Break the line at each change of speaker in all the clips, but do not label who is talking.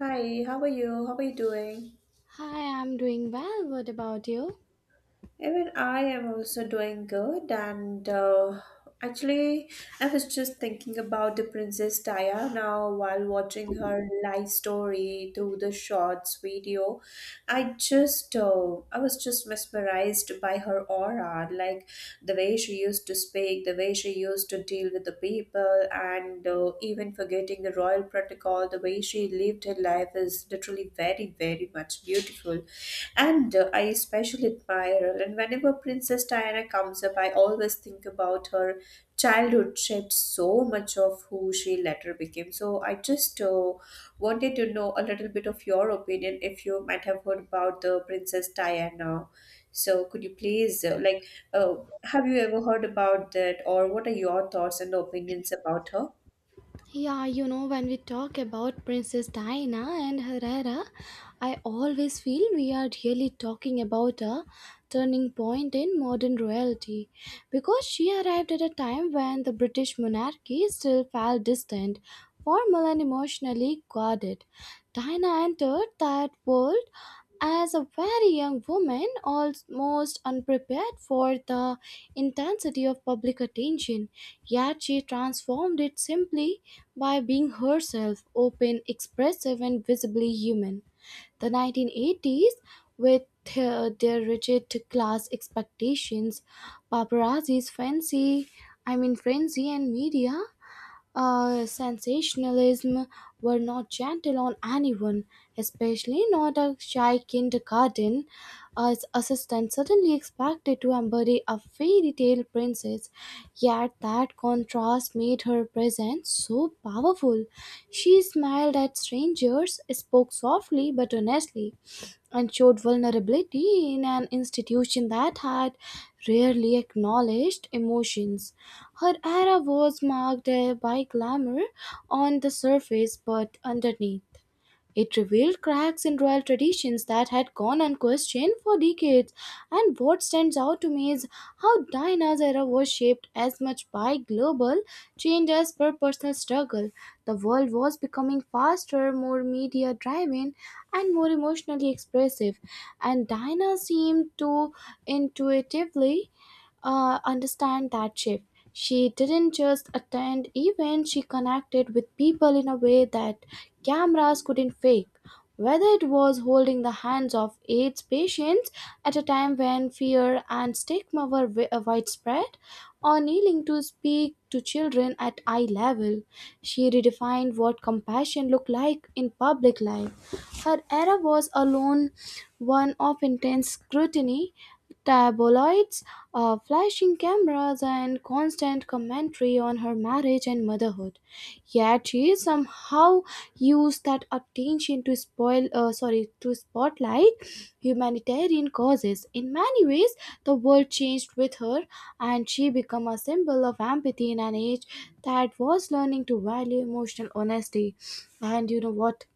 Hi, how are you? How are you doing?
Hi, I'm doing well. What about you?
Even I am also doing good, and actually, I was just thinking about the Princess Taya now while watching her life story through the shorts video. I was just mesmerized by her aura, like the way she used to speak, the way she used to deal with the people, and even forgetting the royal protocol, the way she lived her life is literally very, very much beautiful. And I especially admire her. And whenever Princess Diana comes up, I always think about her childhood shaped so much of who she later became. So I just wanted to know a little bit of your opinion if you might have heard about the Princess Diana. So could you please uh, have you ever heard about that or what are your thoughts and opinions about her?
Yeah, you know, when we talk about Princess Diana and her era, I always feel we are really talking about a turning point in modern royalty because she arrived at a time when the British monarchy still felt distant, formal, and emotionally guarded. Diana entered that world as a very young woman, almost unprepared for the intensity of public attention, yet she transformed it simply by being herself open, expressive, and visibly human the 1980s with their rigid class expectations, paparazzi's fancy, I mean frenzy and media sensationalism were not gentle on anyone, especially not a shy kindergarten assistant suddenly expected to embody a fairy tale princess. Yet that contrast made her presence so powerful. She smiled at strangers, spoke softly but honestly, and showed vulnerability in an institution that had rarely acknowledged emotions. Her era was marked by glamour on the surface but underneath. It revealed cracks in royal traditions that had gone unquestioned for decades. And what stands out to me is how Diana's era was shaped as much by global change as per personal struggle. The world was becoming faster, more media driven, and more emotionally expressive, and Diana seemed to intuitively understand that shift. She didn't just attend events, she connected with people in a way that cameras couldn't fake. Whether it was holding the hands of AIDS patients at a time when fear and stigma were widespread, or kneeling to speak to children at eye level, she redefined what compassion looked like in public life. Her era was alone one of intense scrutiny tabloids, flashing cameras, and constant commentary on her marriage and motherhood. Yet she somehow used that attention to to spotlight humanitarian causes. In many ways, the world changed with her, and she became a symbol of empathy in an age that was learning to value emotional honesty. And you know what?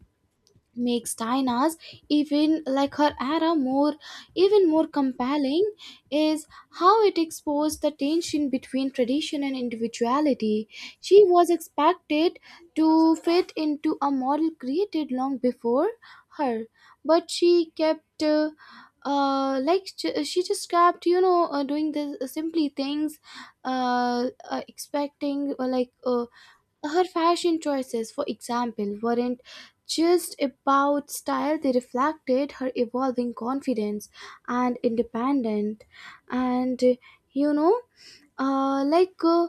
Makes Dinah's even like her era more even more compelling is how it exposed the tension between tradition and individuality. She was expected to fit into a model created long before her, but she kept she just kept you know doing the simply things expecting her fashion choices, for example, weren't just about style, they reflected her evolving confidence and independence. And you know, uh, like uh,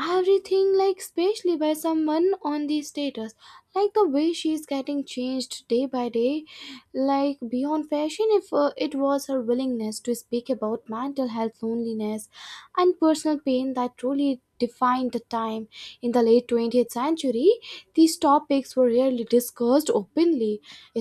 everything like especially by someone on the status like the way she's getting changed day by day like beyond fashion if it was her willingness to speak about mental health loneliness and personal pain that truly defined the time in the late 20th century these topics were rarely discussed openly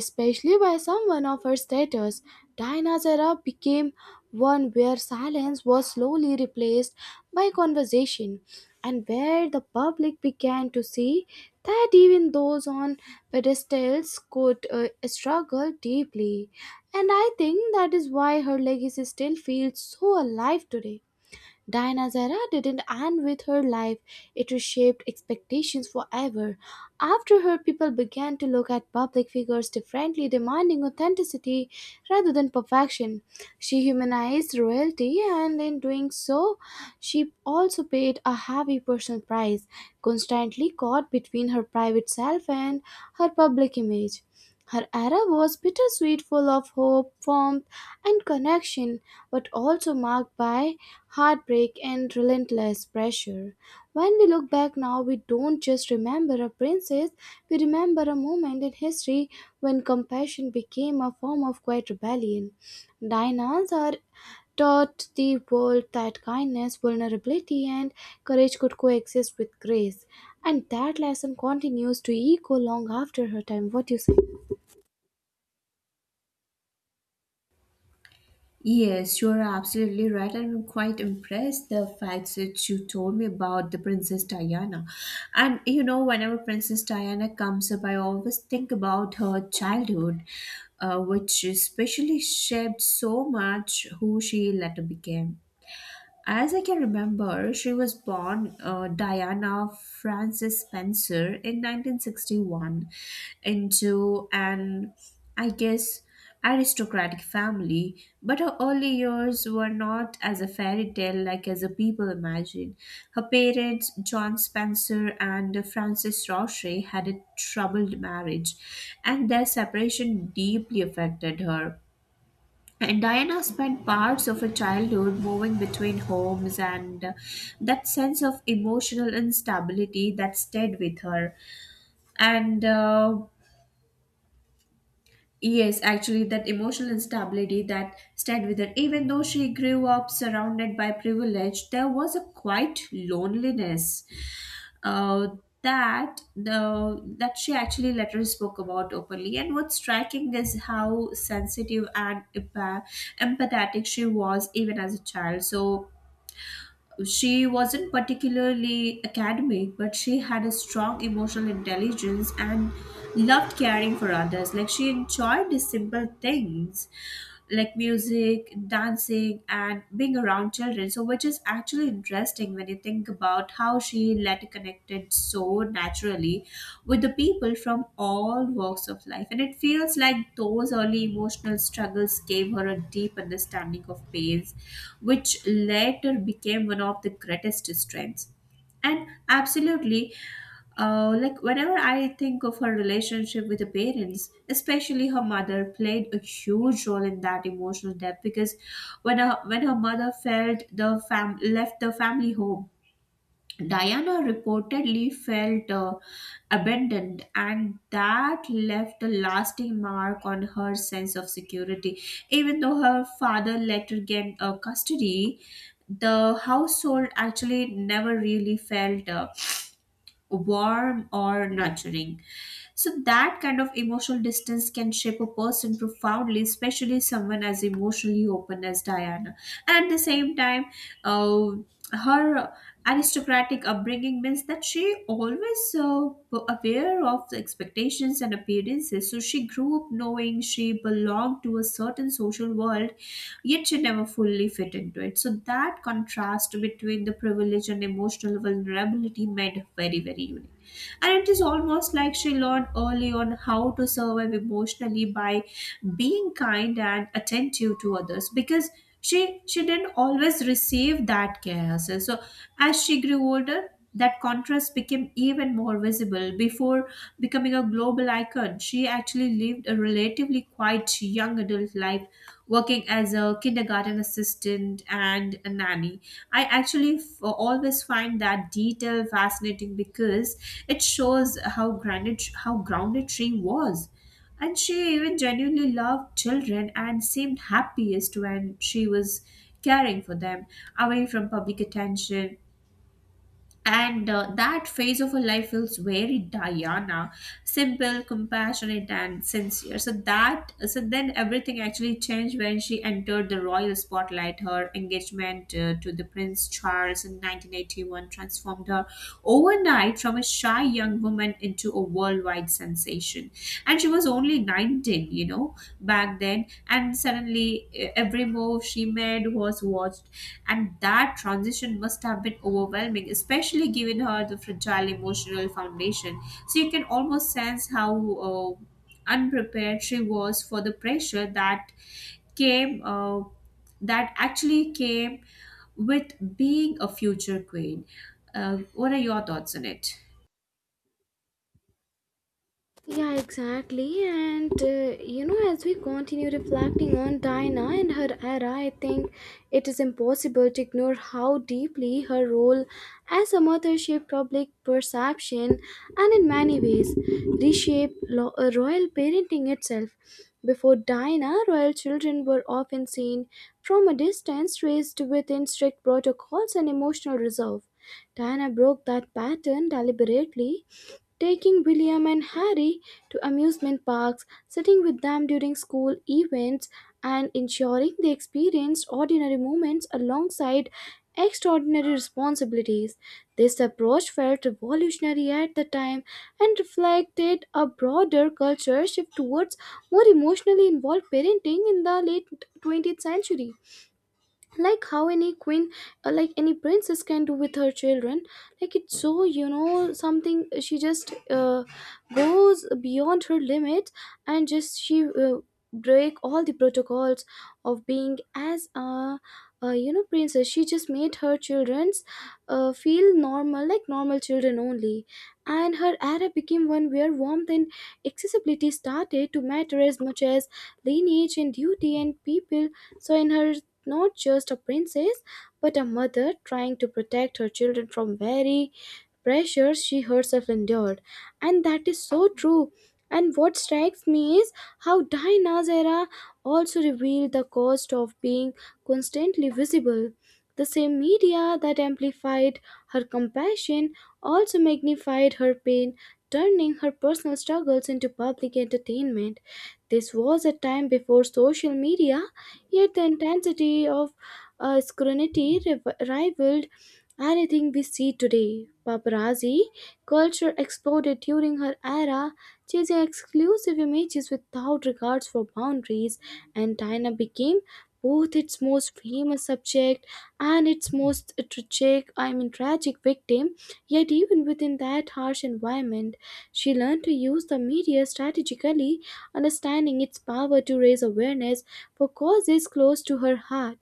especially by someone of her status. Diana's era became one where silence was slowly replaced by conversation, and where the public began to see that even those on pedestals could struggle deeply. And I think that is why her legacy still feels so alive today. Diana Zara didn't end with her life, it reshaped expectations forever. After her, people began to look at public figures differently, demanding authenticity rather than perfection. She humanized royalty, and in doing so, she also paid a heavy personal price, constantly caught between her private self and her public image. Her era was bittersweet, full of hope, warmth, and connection, but also marked by heartbreak, and relentless pressure. When we look back now, we don't just remember a princess, we remember a moment in history when compassion became a form of quiet rebellion. Dinahs are taught the world that kindness, vulnerability, and courage could coexist with grace. And that lesson continues to echo long after her time. What do you say?
Yes, you are absolutely right, I'm quite impressed the facts that you told me about the Princess Diana. And you know, whenever Princess Diana comes up, I always think about her childhood, which especially shaped so much who she later became. As I can remember, she was born Diana Frances Spencer in 1961 into an, I guess, aristocratic family, but her early years were not as a fairy tale like as a people imagine. Her parents, John Spencer and Frances Roche, had a troubled marriage, and their separation deeply affected her. And Diana spent parts of her childhood moving between homes, and that sense of emotional instability that stayed with her. And yes, actually, that emotional instability that stayed with her, even though she grew up surrounded by privilege, there was a quiet loneliness uh, that she actually later spoke about openly. And what's striking is how sensitive and empathetic she was even as a child. So she wasn't particularly academic, but she had a strong emotional intelligence and loved caring for others. Like she enjoyed the simple things like music, dancing, and being around children. So, which is actually interesting when you think about how she led connected so naturally with the people from all walks of life. And it feels like those early emotional struggles gave her a deep understanding of pain which later became one of the greatest strengths. And absolutely, like whenever I think of her relationship with the parents, especially her mother, played a huge role in that emotional depth because when her mother felt the fam left the family home, Diana reportedly felt abandoned, and that left a lasting mark on her sense of security. Even though her father later gained custody, the household actually never really felt warm or nurturing. So that kind of emotional distance can shape a person profoundly, especially someone as emotionally open as Diana. And at the same time, uh, her aristocratic upbringing means that she always were aware of the expectations and appearances. So she grew up knowing she belonged to a certain social world, yet she never fully fit into it. So that contrast between the privilege and emotional vulnerability made her very, very unique. And it is almost like she learned early on how to survive emotionally by being kind and attentive to others because she didn't always receive that care herself. So as she grew older, that contrast became even more visible before becoming a global icon. She actually lived a relatively quiet young adult life, working as a kindergarten assistant and a nanny. I actually always find that detail fascinating because it shows how grounded she was. And she even genuinely loved children and seemed happiest when she was caring for them, away from public attention and that phase of her life feels very Diana, simple, compassionate, and sincere. So that, so then everything actually changed when she entered the royal spotlight. Her engagement to the Prince Charles in 1981 transformed her overnight from a shy young woman into a worldwide sensation. And she was only 19, you know, back then. And suddenly, every move she made was watched and that transition must have been overwhelming, especially given her the fragile emotional foundation. So you can almost sense how unprepared she was for the pressure that came, uh, actually came with being a future queen. What are your thoughts on it?
Yeah, exactly. And you know, as we continue reflecting on Diana and her era, I think it is impossible to ignore how deeply her role as a mother shaped public perception and, in many ways, reshaped royal parenting itself. Before Diana, royal children were often seen from a distance, raised within strict protocols and emotional reserve. Diana broke that pattern deliberately taking William and Harry to amusement parks, sitting with them during school events, and ensuring they experienced ordinary moments alongside extraordinary responsibilities. This approach felt revolutionary at the time and reflected a broader culture shift towards more emotionally involved parenting in the late 20th century like how any queen like any princess can do with her children like it's so you know something she just goes beyond her limits and just she break all the protocols of being as a you know princess she just made her children's feel normal like normal children only and her era became one where warmth and accessibility started to matter as much as lineage and duty and people so in her not just a princess, but a mother trying to protect her children from very pressures she herself endured. And that is so true. And what strikes me is how Diana's era also revealed the cost of being constantly visible. The same media that amplified her compassion also magnified her pain, turning her personal struggles into public entertainment. This was a time before social media. Yet the intensity of scrutiny rivaled anything we see today. Paparazzi culture exploded during her era, chasing exclusive images without regards for boundaries, and Diana became both its most famous subject and its most tragic, I mean tragic victim. Yet even within that harsh environment, she learned to use the media strategically, understanding its power to raise awareness for cause is close to her heart.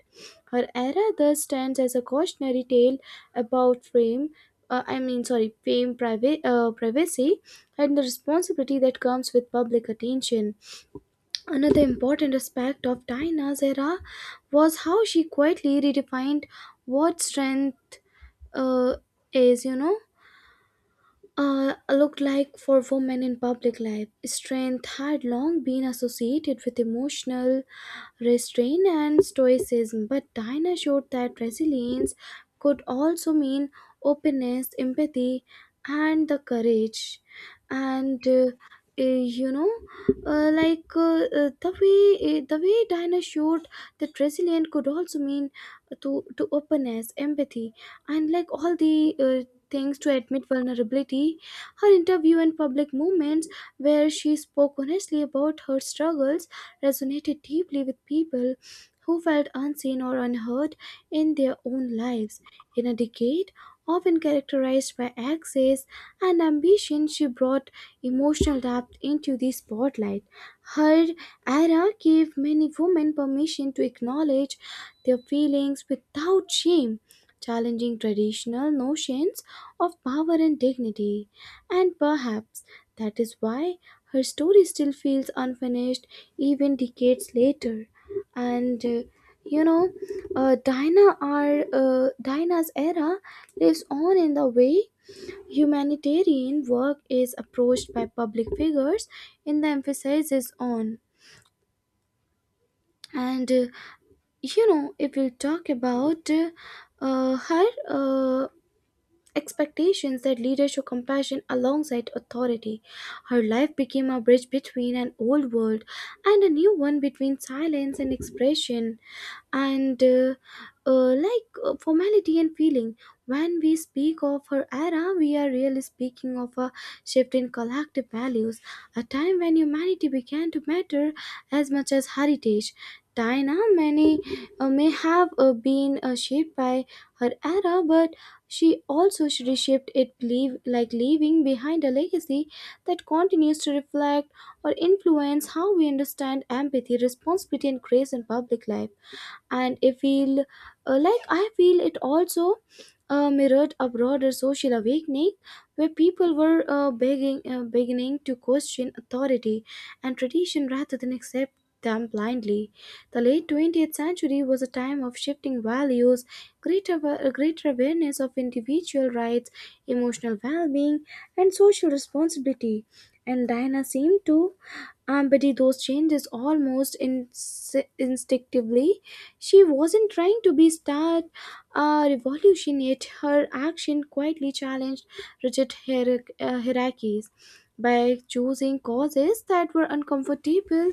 Her era thus stands as a cautionary tale about fame, I mean, sorry, fame, privacy, and the responsibility that comes with public attention. Another important aspect of Diana's era was how she quietly redefined what strength uh, is, you know looked like for women in public life. Strength had long been associated with emotional restraint and stoicism, but Diana showed that resilience could also mean openness, empathy, and the courage. And you know, the way the way Diana showed that resilience could also mean to openness, empathy, and like all the things to admit vulnerability. Her interview and public moments, where she spoke honestly about her struggles, resonated deeply with people who felt unseen or unheard in their own lives. In a decade often characterized by excess and ambition, she brought emotional depth into the spotlight. Her era gave many women permission to acknowledge their feelings without shame, challenging traditional notions of power and dignity, and perhaps that is why her story still feels unfinished even decades later. And you know, Dinah's era lives on in the way humanitarian work is approached by public figures in the emphasis is on. And you know, if we'll talk about her. Expectations that leaders show compassion alongside authority. Her life became a bridge between an old world and a new one between silence and expression, and formality and feeling. When we speak of her era, we are really speaking of a shift in collective values, a time when humanity began to matter as much as heritage. Diana many may have been shaped by her era, but she also reshaped it leave, like leaving behind a legacy that continues to reflect or influence how we understand empathy, responsibility, and grace in public life and I feel I feel it also mirrored a broader social awakening where people were beginning to question authority and tradition rather than accept them blindly. The late 20th century was a time of shifting values, greater, greater awareness of individual rights, emotional well being, and social responsibility. And Diana seemed to but did those changes almost instinctively. She wasn't trying to be star revolution, yet her action quietly challenged rigid hierarchies by choosing causes that were uncomfortable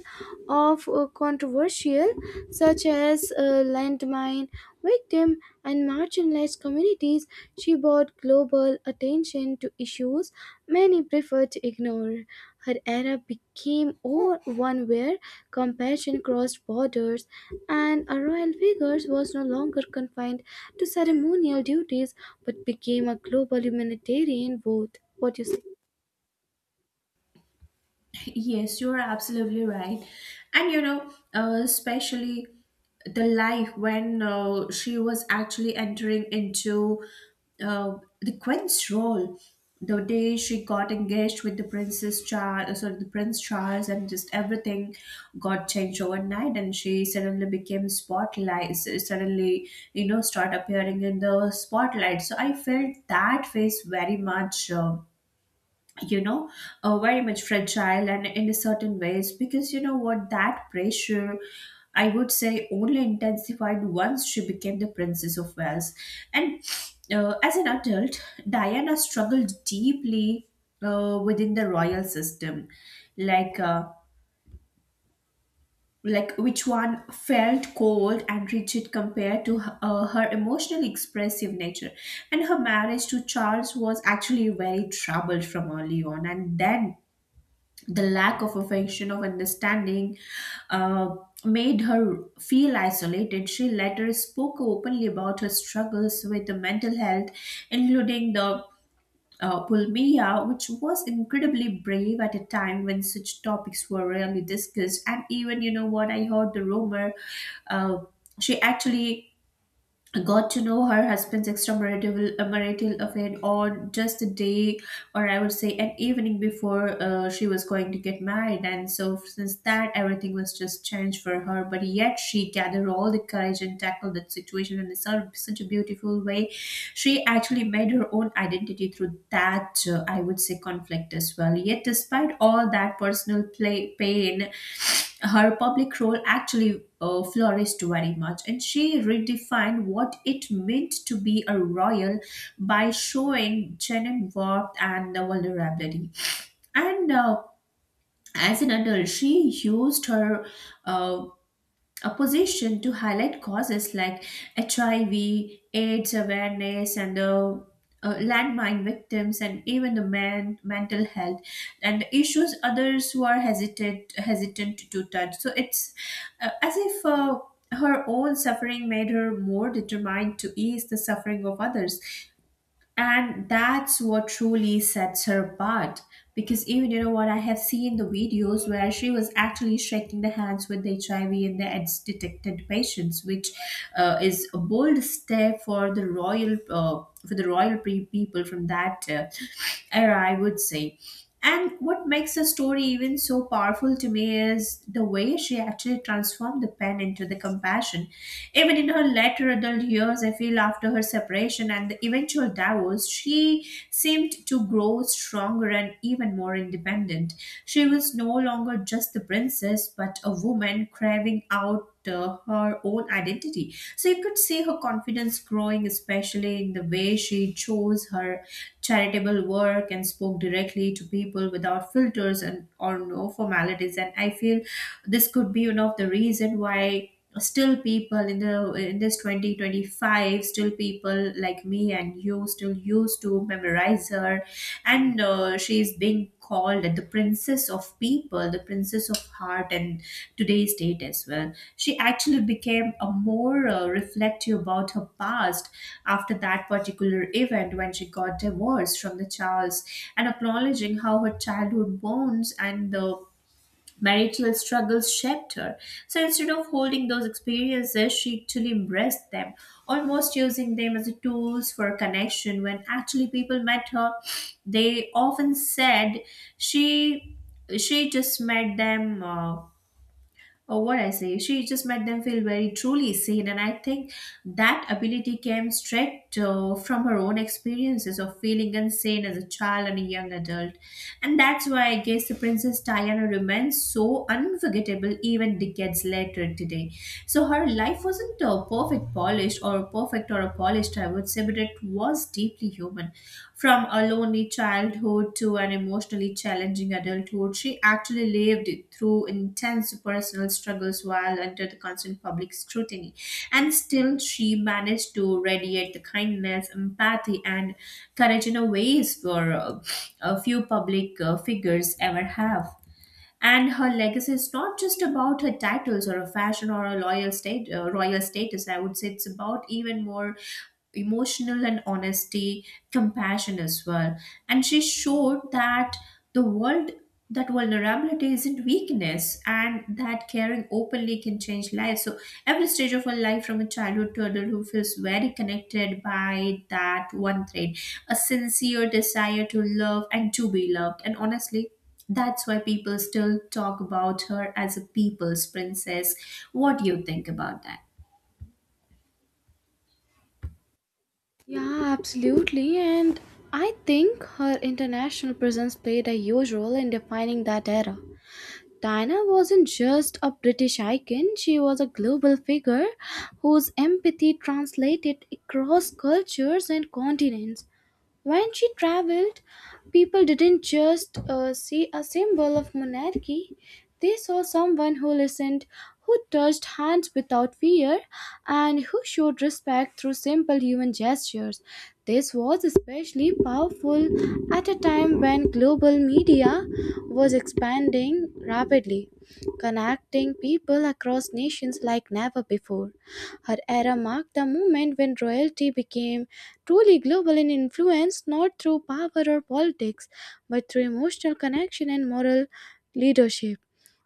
or controversial, such as landmine victims, and marginalized communities, she brought global attention to issues many preferred to ignore. Her era became one where compassion crossed borders, and a royal figure was no longer confined to ceremonial duties but became a global humanitarian vote. What you say?
Yes, you're absolutely right. And you know, especially the life when she was actually entering into uh, the queen's role, the day she got engaged with the princess Charles, sorry, the prince Charles, and just everything got changed overnight, and she suddenly became spotlight. Suddenly, you know, start appearing in the spotlight. So I felt that phase very much. You know very much fragile and in a certain ways because you know what that pressure I would say only intensified once she became the princess of Wales and as an adult Diana struggled deeply within the royal system like uh, like which one felt cold and rigid compared to her emotionally expressive nature and her marriage to Charles was actually very troubled from early on and then the lack of affection of understanding uh, made her feel isolated. She later spoke openly about her struggles with the mental health including the pulmia which was incredibly brave at a time when such topics were rarely discussed and even you know what I heard the rumor uh, she actually got to know her husband's extramarital marital affair on just a day or I would say an evening before she was going to get married and so since that everything was just changed for her but yet she gathered all the courage and tackled that situation in such, such a beautiful way. She actually made her own identity through that I would say conflict as well. Yet despite all that personal pain her public role actually flourished very much and she redefined what it meant to be a royal by showing genuine warmth and vulnerability and as an adult she used her uh, opposition to highlight causes like HIV, AIDS awareness, and the landmine victims, and even the man mental health, and issues others who are hesitant to touch. So it's as if. Her own suffering made her more determined to ease the suffering of others and that's what truly sets her apart because even you know what I have seen the videos where she was actually shaking the hands with the HIV and the AIDS detected patients which is a bold step for the royal people from that era I would say. And what makes the story even so powerful to me is the way she actually transformed the pen into the compassion. Even in her later adult years, I feel after her separation and the eventual divorce, she seemed to grow stronger and even more independent. She was no longer just the princess, but a woman craving out her own identity. So you could see her confidence growing, especially in the way she chose her charitable work and spoke directly to people without filters and or no formalities. And I feel this could be one of the reason why still people in the in this 2025 still people like me and you still used to memorize her and she is being called the princess of people, the princess of heart, and today's date as well. She actually became a more reflective about her past after that particular event when she got divorced from the Charles and acknowledging how her childhood bonds and the marital struggles shaped her. So instead of holding those experiences, she actually embraced them, almost using them as a tools for connection. When actually people met her, they often said she she just met them. Or what I say, she just made them feel very truly seen. And I think that ability came straight from her own experiences of feeling unseen as a child and a young adult. And that's why I guess the Princess Diana remains so unforgettable even decades later today. So her life wasn't a perfect polished or perfect or a polished, I would say, but it was deeply human. From a lonely childhood to an emotionally challenging adulthood, she actually lived through intense personal struggles while under the constant public scrutiny. And still, she managed to radiate the kindness, empathy, and courage in a ways for a few public figures ever have. And her legacy is not just about her titles or a fashion or a royal status. I would say it's about even more emotional and honesty, compassion as well. And she showed that the world that vulnerability isn't weakness and that caring openly can change lives. So every stage of her life from a childhood to adulthood feels very connected by that one thread. A sincere desire to love and to be loved. And honestly, that's why people still talk about her as a people's princess. What do you think about that?
Yeah, absolutely. And I think her international presence played a huge role in defining that era. Diana wasn't just a British icon, she was a global figure whose empathy translated across cultures and continents. When she traveled, people didn't just see a symbol of monarchy, they saw someone who listened, who touched hands without fear, and who showed respect through simple human gestures. This was especially powerful at a time when global media was expanding rapidly, connecting people across nations like never before. Her era marked the moment when royalty became truly global in influence, not through power or politics but through emotional connection and moral leadership.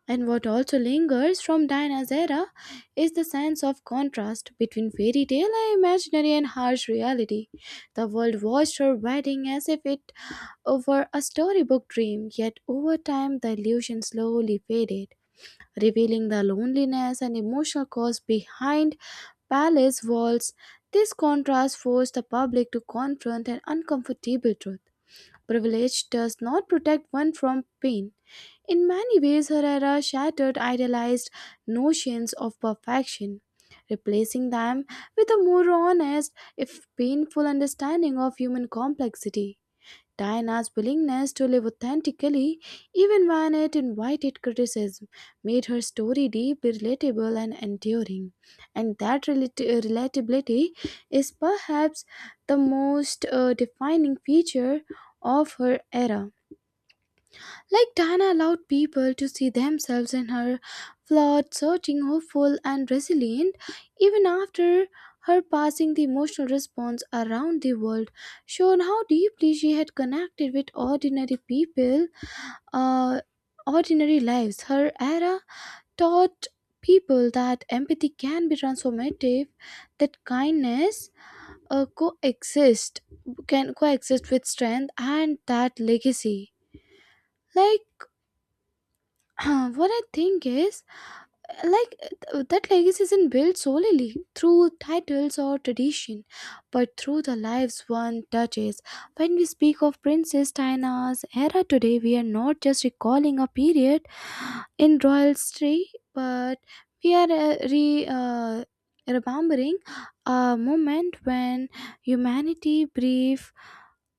And what also lingers from Diana's era is the sense of contrast between fairy tale and imaginary and harsh reality. The world watched her wedding as if it were a storybook dream, yet over time the illusion slowly faded, revealing the loneliness and emotional cause behind palace walls. This contrast forced the public to confront an uncomfortable truth. Privilege does not protect one from pain. In many ways, her era shattered idealized notions of perfection, replacing them with a more honest, if painful, understanding of human complexity. Diana's willingness to live authentically, even when it invited criticism, made her story deeply relatable and enduring. And that relatability is perhaps the most defining feature of her era. Like Dana allowed people to see themselves in her, flawed, searching, hopeful, and resilient. Even after her passing, the emotional response around the world showed how deeply she had connected with ordinary people, uh, ordinary lives. Her era taught people that empathy can be transformative, that kindness coexist can coexist with strength, and that legacy. Like what I think is, uh, like that legacy isn't built solely through titles or tradition but through the lives one touches. When we speak of Princess Diana's era today, we are not just recalling a period in royal history, but we are re remembering a moment when humanity brief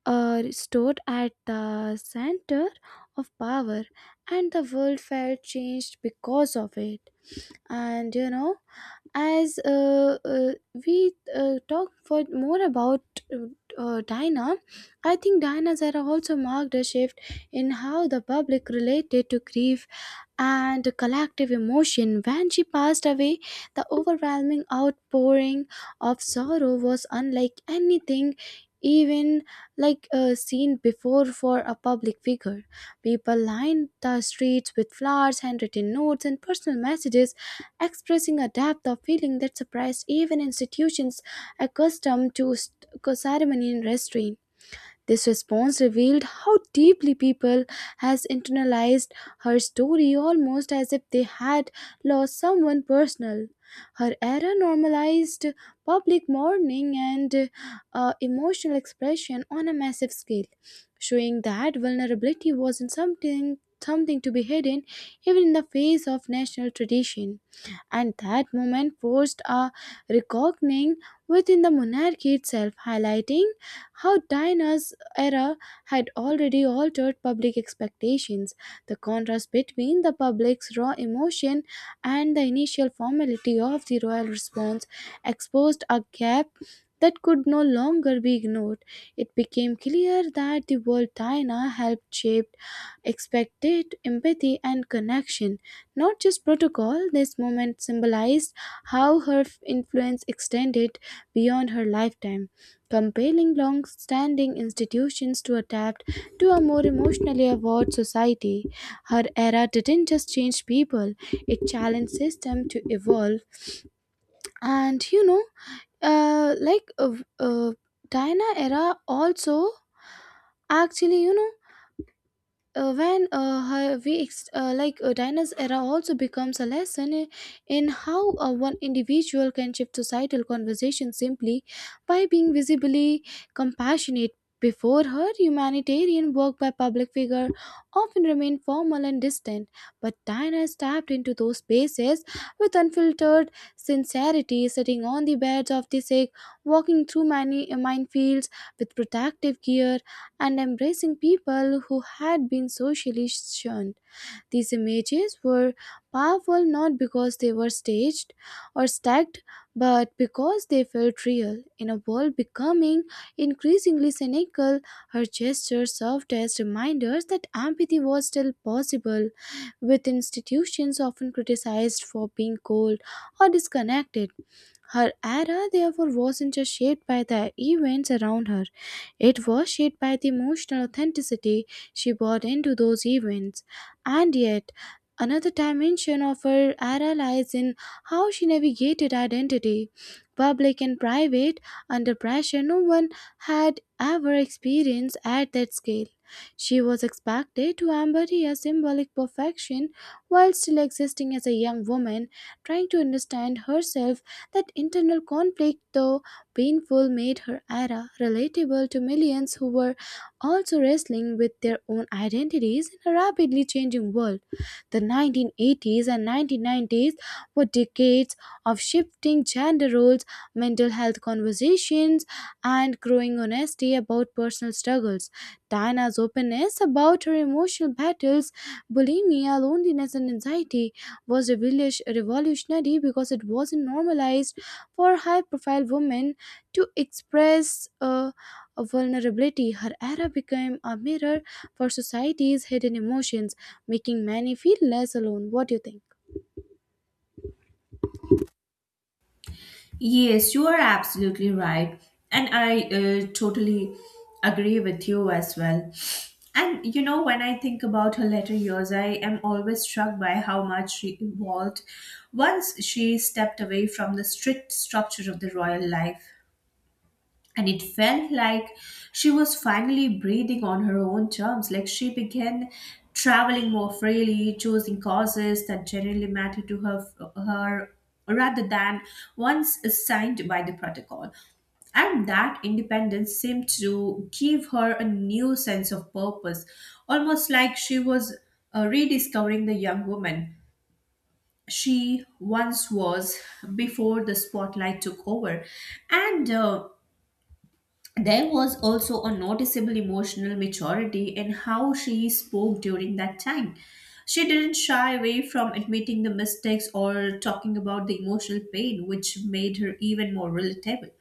stood at the center of power, and the world felt changed because of it. And you know as we talk for more about uh, Dinah. I think Dinah's era also marked a shift in how the public related to grief and collective emotion. When she passed away, the overwhelming outpouring of sorrow was unlike anything even seen before for a public figure. People lined the streets with flowers, handwritten notes, and personal messages, expressing a depth of feeling that surprised even institutions accustomed to ceremony and restraint. This response revealed how deeply people has internalized her story, almost as if they had lost someone personal. Her error normalized public mourning and emotional expression on a massive scale, showing that vulnerability wasn't something to be hidden even in the face of national tradition. And that moment forced a reckoning within the monarchy itself, highlighting how Diana's era had already altered public expectations. The contrast between the public's raw emotion and the initial formality of the royal response exposed a gap that could no longer be ignored. It became clear that the world Diana helped shape expected empathy and connection, not just protocol. This moment symbolized how influence extended beyond her lifetime, compelling long standing institutions to adapt to a more emotionally aware society. Her era didn't just change people, it challenged system to evolve. And you know, uh, like uh, uh, Diana era also, actually, you know, when her- we ex- like Dinah's era also becomes a lesson in how one individual can shift societal conversation simply by being visibly compassionate. Before her, humanitarian work by public figure often remained formal and distant, but Dinah stepped into those spaces with unfiltered sincerity, sitting on the beds of the sick, walking through many minefields with protective gear, and embracing people who had been socially shunned. These images were powerful not because they were staged or stacked, but because they felt real. In a world becoming increasingly cynical, her gestures served as reminders that empathy was still possible, with institutions often criticized for being cold or disconnected. Her era, therefore, wasn't just shaped by the events around her, it was shaped by the emotional authenticity she brought into those events. And yet, another dimension of her era lies in how she navigated identity. Public and private, under pressure no one had ever experienced at that scale. She was expected to embody a symbolic perfection while still existing as a young woman trying to understand herself. That internal conflict, though painful, made her era relatable to millions who were also wrestling with their own identities in a rapidly changing world. The 1980s and 1990s were decades of shifting gender roles, mental health conversations, and growing honesty about personal struggles. Diana's openness about her emotional battles, bulimia, loneliness, and anxiety was revolutionary because it was not normalized for high profile women to express a vulnerability. Her era became a mirror for society's hidden emotions, making many feel less alone. What do you think?
Yes, you are absolutely right. And I totally agree with you as well. And you know, when I think about her later years, I am always struck by how much she evolved once she stepped away from the strict structure of the royal life. And it felt like she was finally breathing on her own terms. Like she began traveling more freely, choosing causes that generally mattered to her, rather than ones assigned by the protocol. And that independence seemed to give her a new sense of purpose, almost like she was rediscovering the young woman she once was before the spotlight took over. And there was also a noticeable emotional maturity in how she spoke during that time. She didn't shy away from admitting the mistakes or talking about the emotional pain, which made her even more relatable.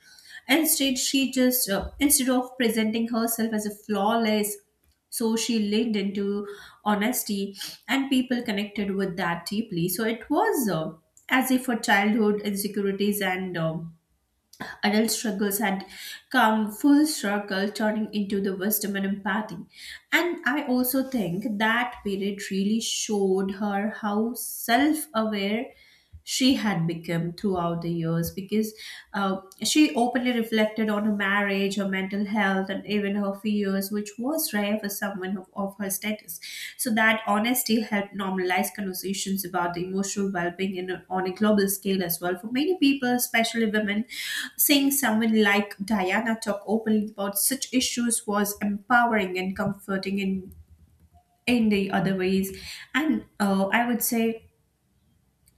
Instead, she just, instead of presenting herself as a flawless, so she leaned into honesty and people connected with that deeply. So it was as if her childhood insecurities and adult struggles had come full circle, turning into the wisdom and empathy. And I also think that period really showed her how self aware she had become throughout the years because she openly reflected on her marriage, her mental health and even her fears, which was rare for someone of her status. So that honesty helped normalize conversations about the emotional well-being on a global scale as well. For many people, especially women, seeing someone like Diana talk openly about such issues was empowering and comforting in the other ways. And I would say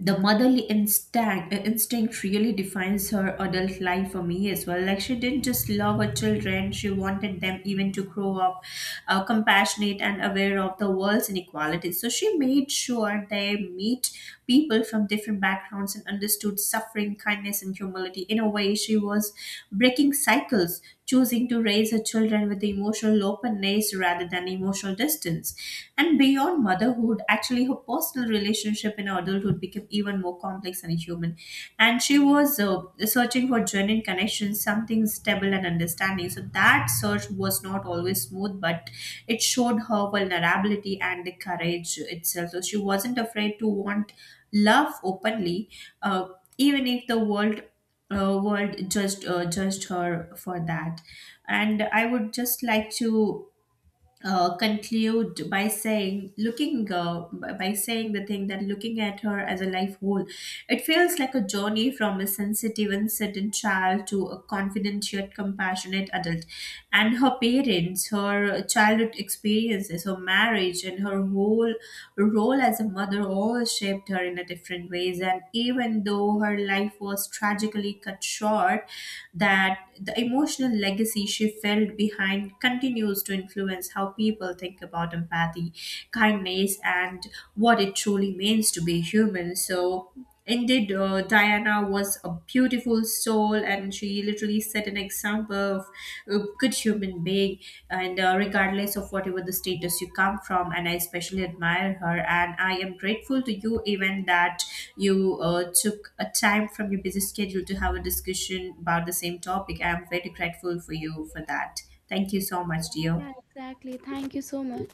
the motherly instinct really defines her adult life for me as well. Like she didn't just love her children, she wanted them even to grow up compassionate and aware of the world's inequalities. So she made sure they meet people from different backgrounds and understood suffering, kindness and humility. In a way she was breaking cycles, choosing to raise her children with emotional openness rather than emotional distance. And beyond motherhood, actually, her personal relationship in adulthood became even more complex and human. And she was searching for genuine connections, something stable and understanding. So that search was not always smooth, but it showed her vulnerability and the courage itself. So she wasn't afraid to want love openly, uh, even if the world judged judged her for that. And I would just like to conclude by by saying the thing that looking at her as a life whole, it feels like a journey from a sensitive uncertain child to a confident yet compassionate adult. And her parents, her childhood experiences, her marriage and her whole role as a mother all shaped her in a different ways. And even though her life was tragically cut short, that the emotional legacy she felt behind continues to influence how people think about empathy, kindness, and what it truly means to be human. So, indeed, Diana was a beautiful soul, and she literally set an example of a good human being, and regardless of whatever the status you come from. And I especially admire her, and I am grateful to you, even that you took a time from your busy schedule to have a discussion about the same topic. I am very grateful for you for that. Thank you so much, dear.
Yeah, exactly. Thank you so much.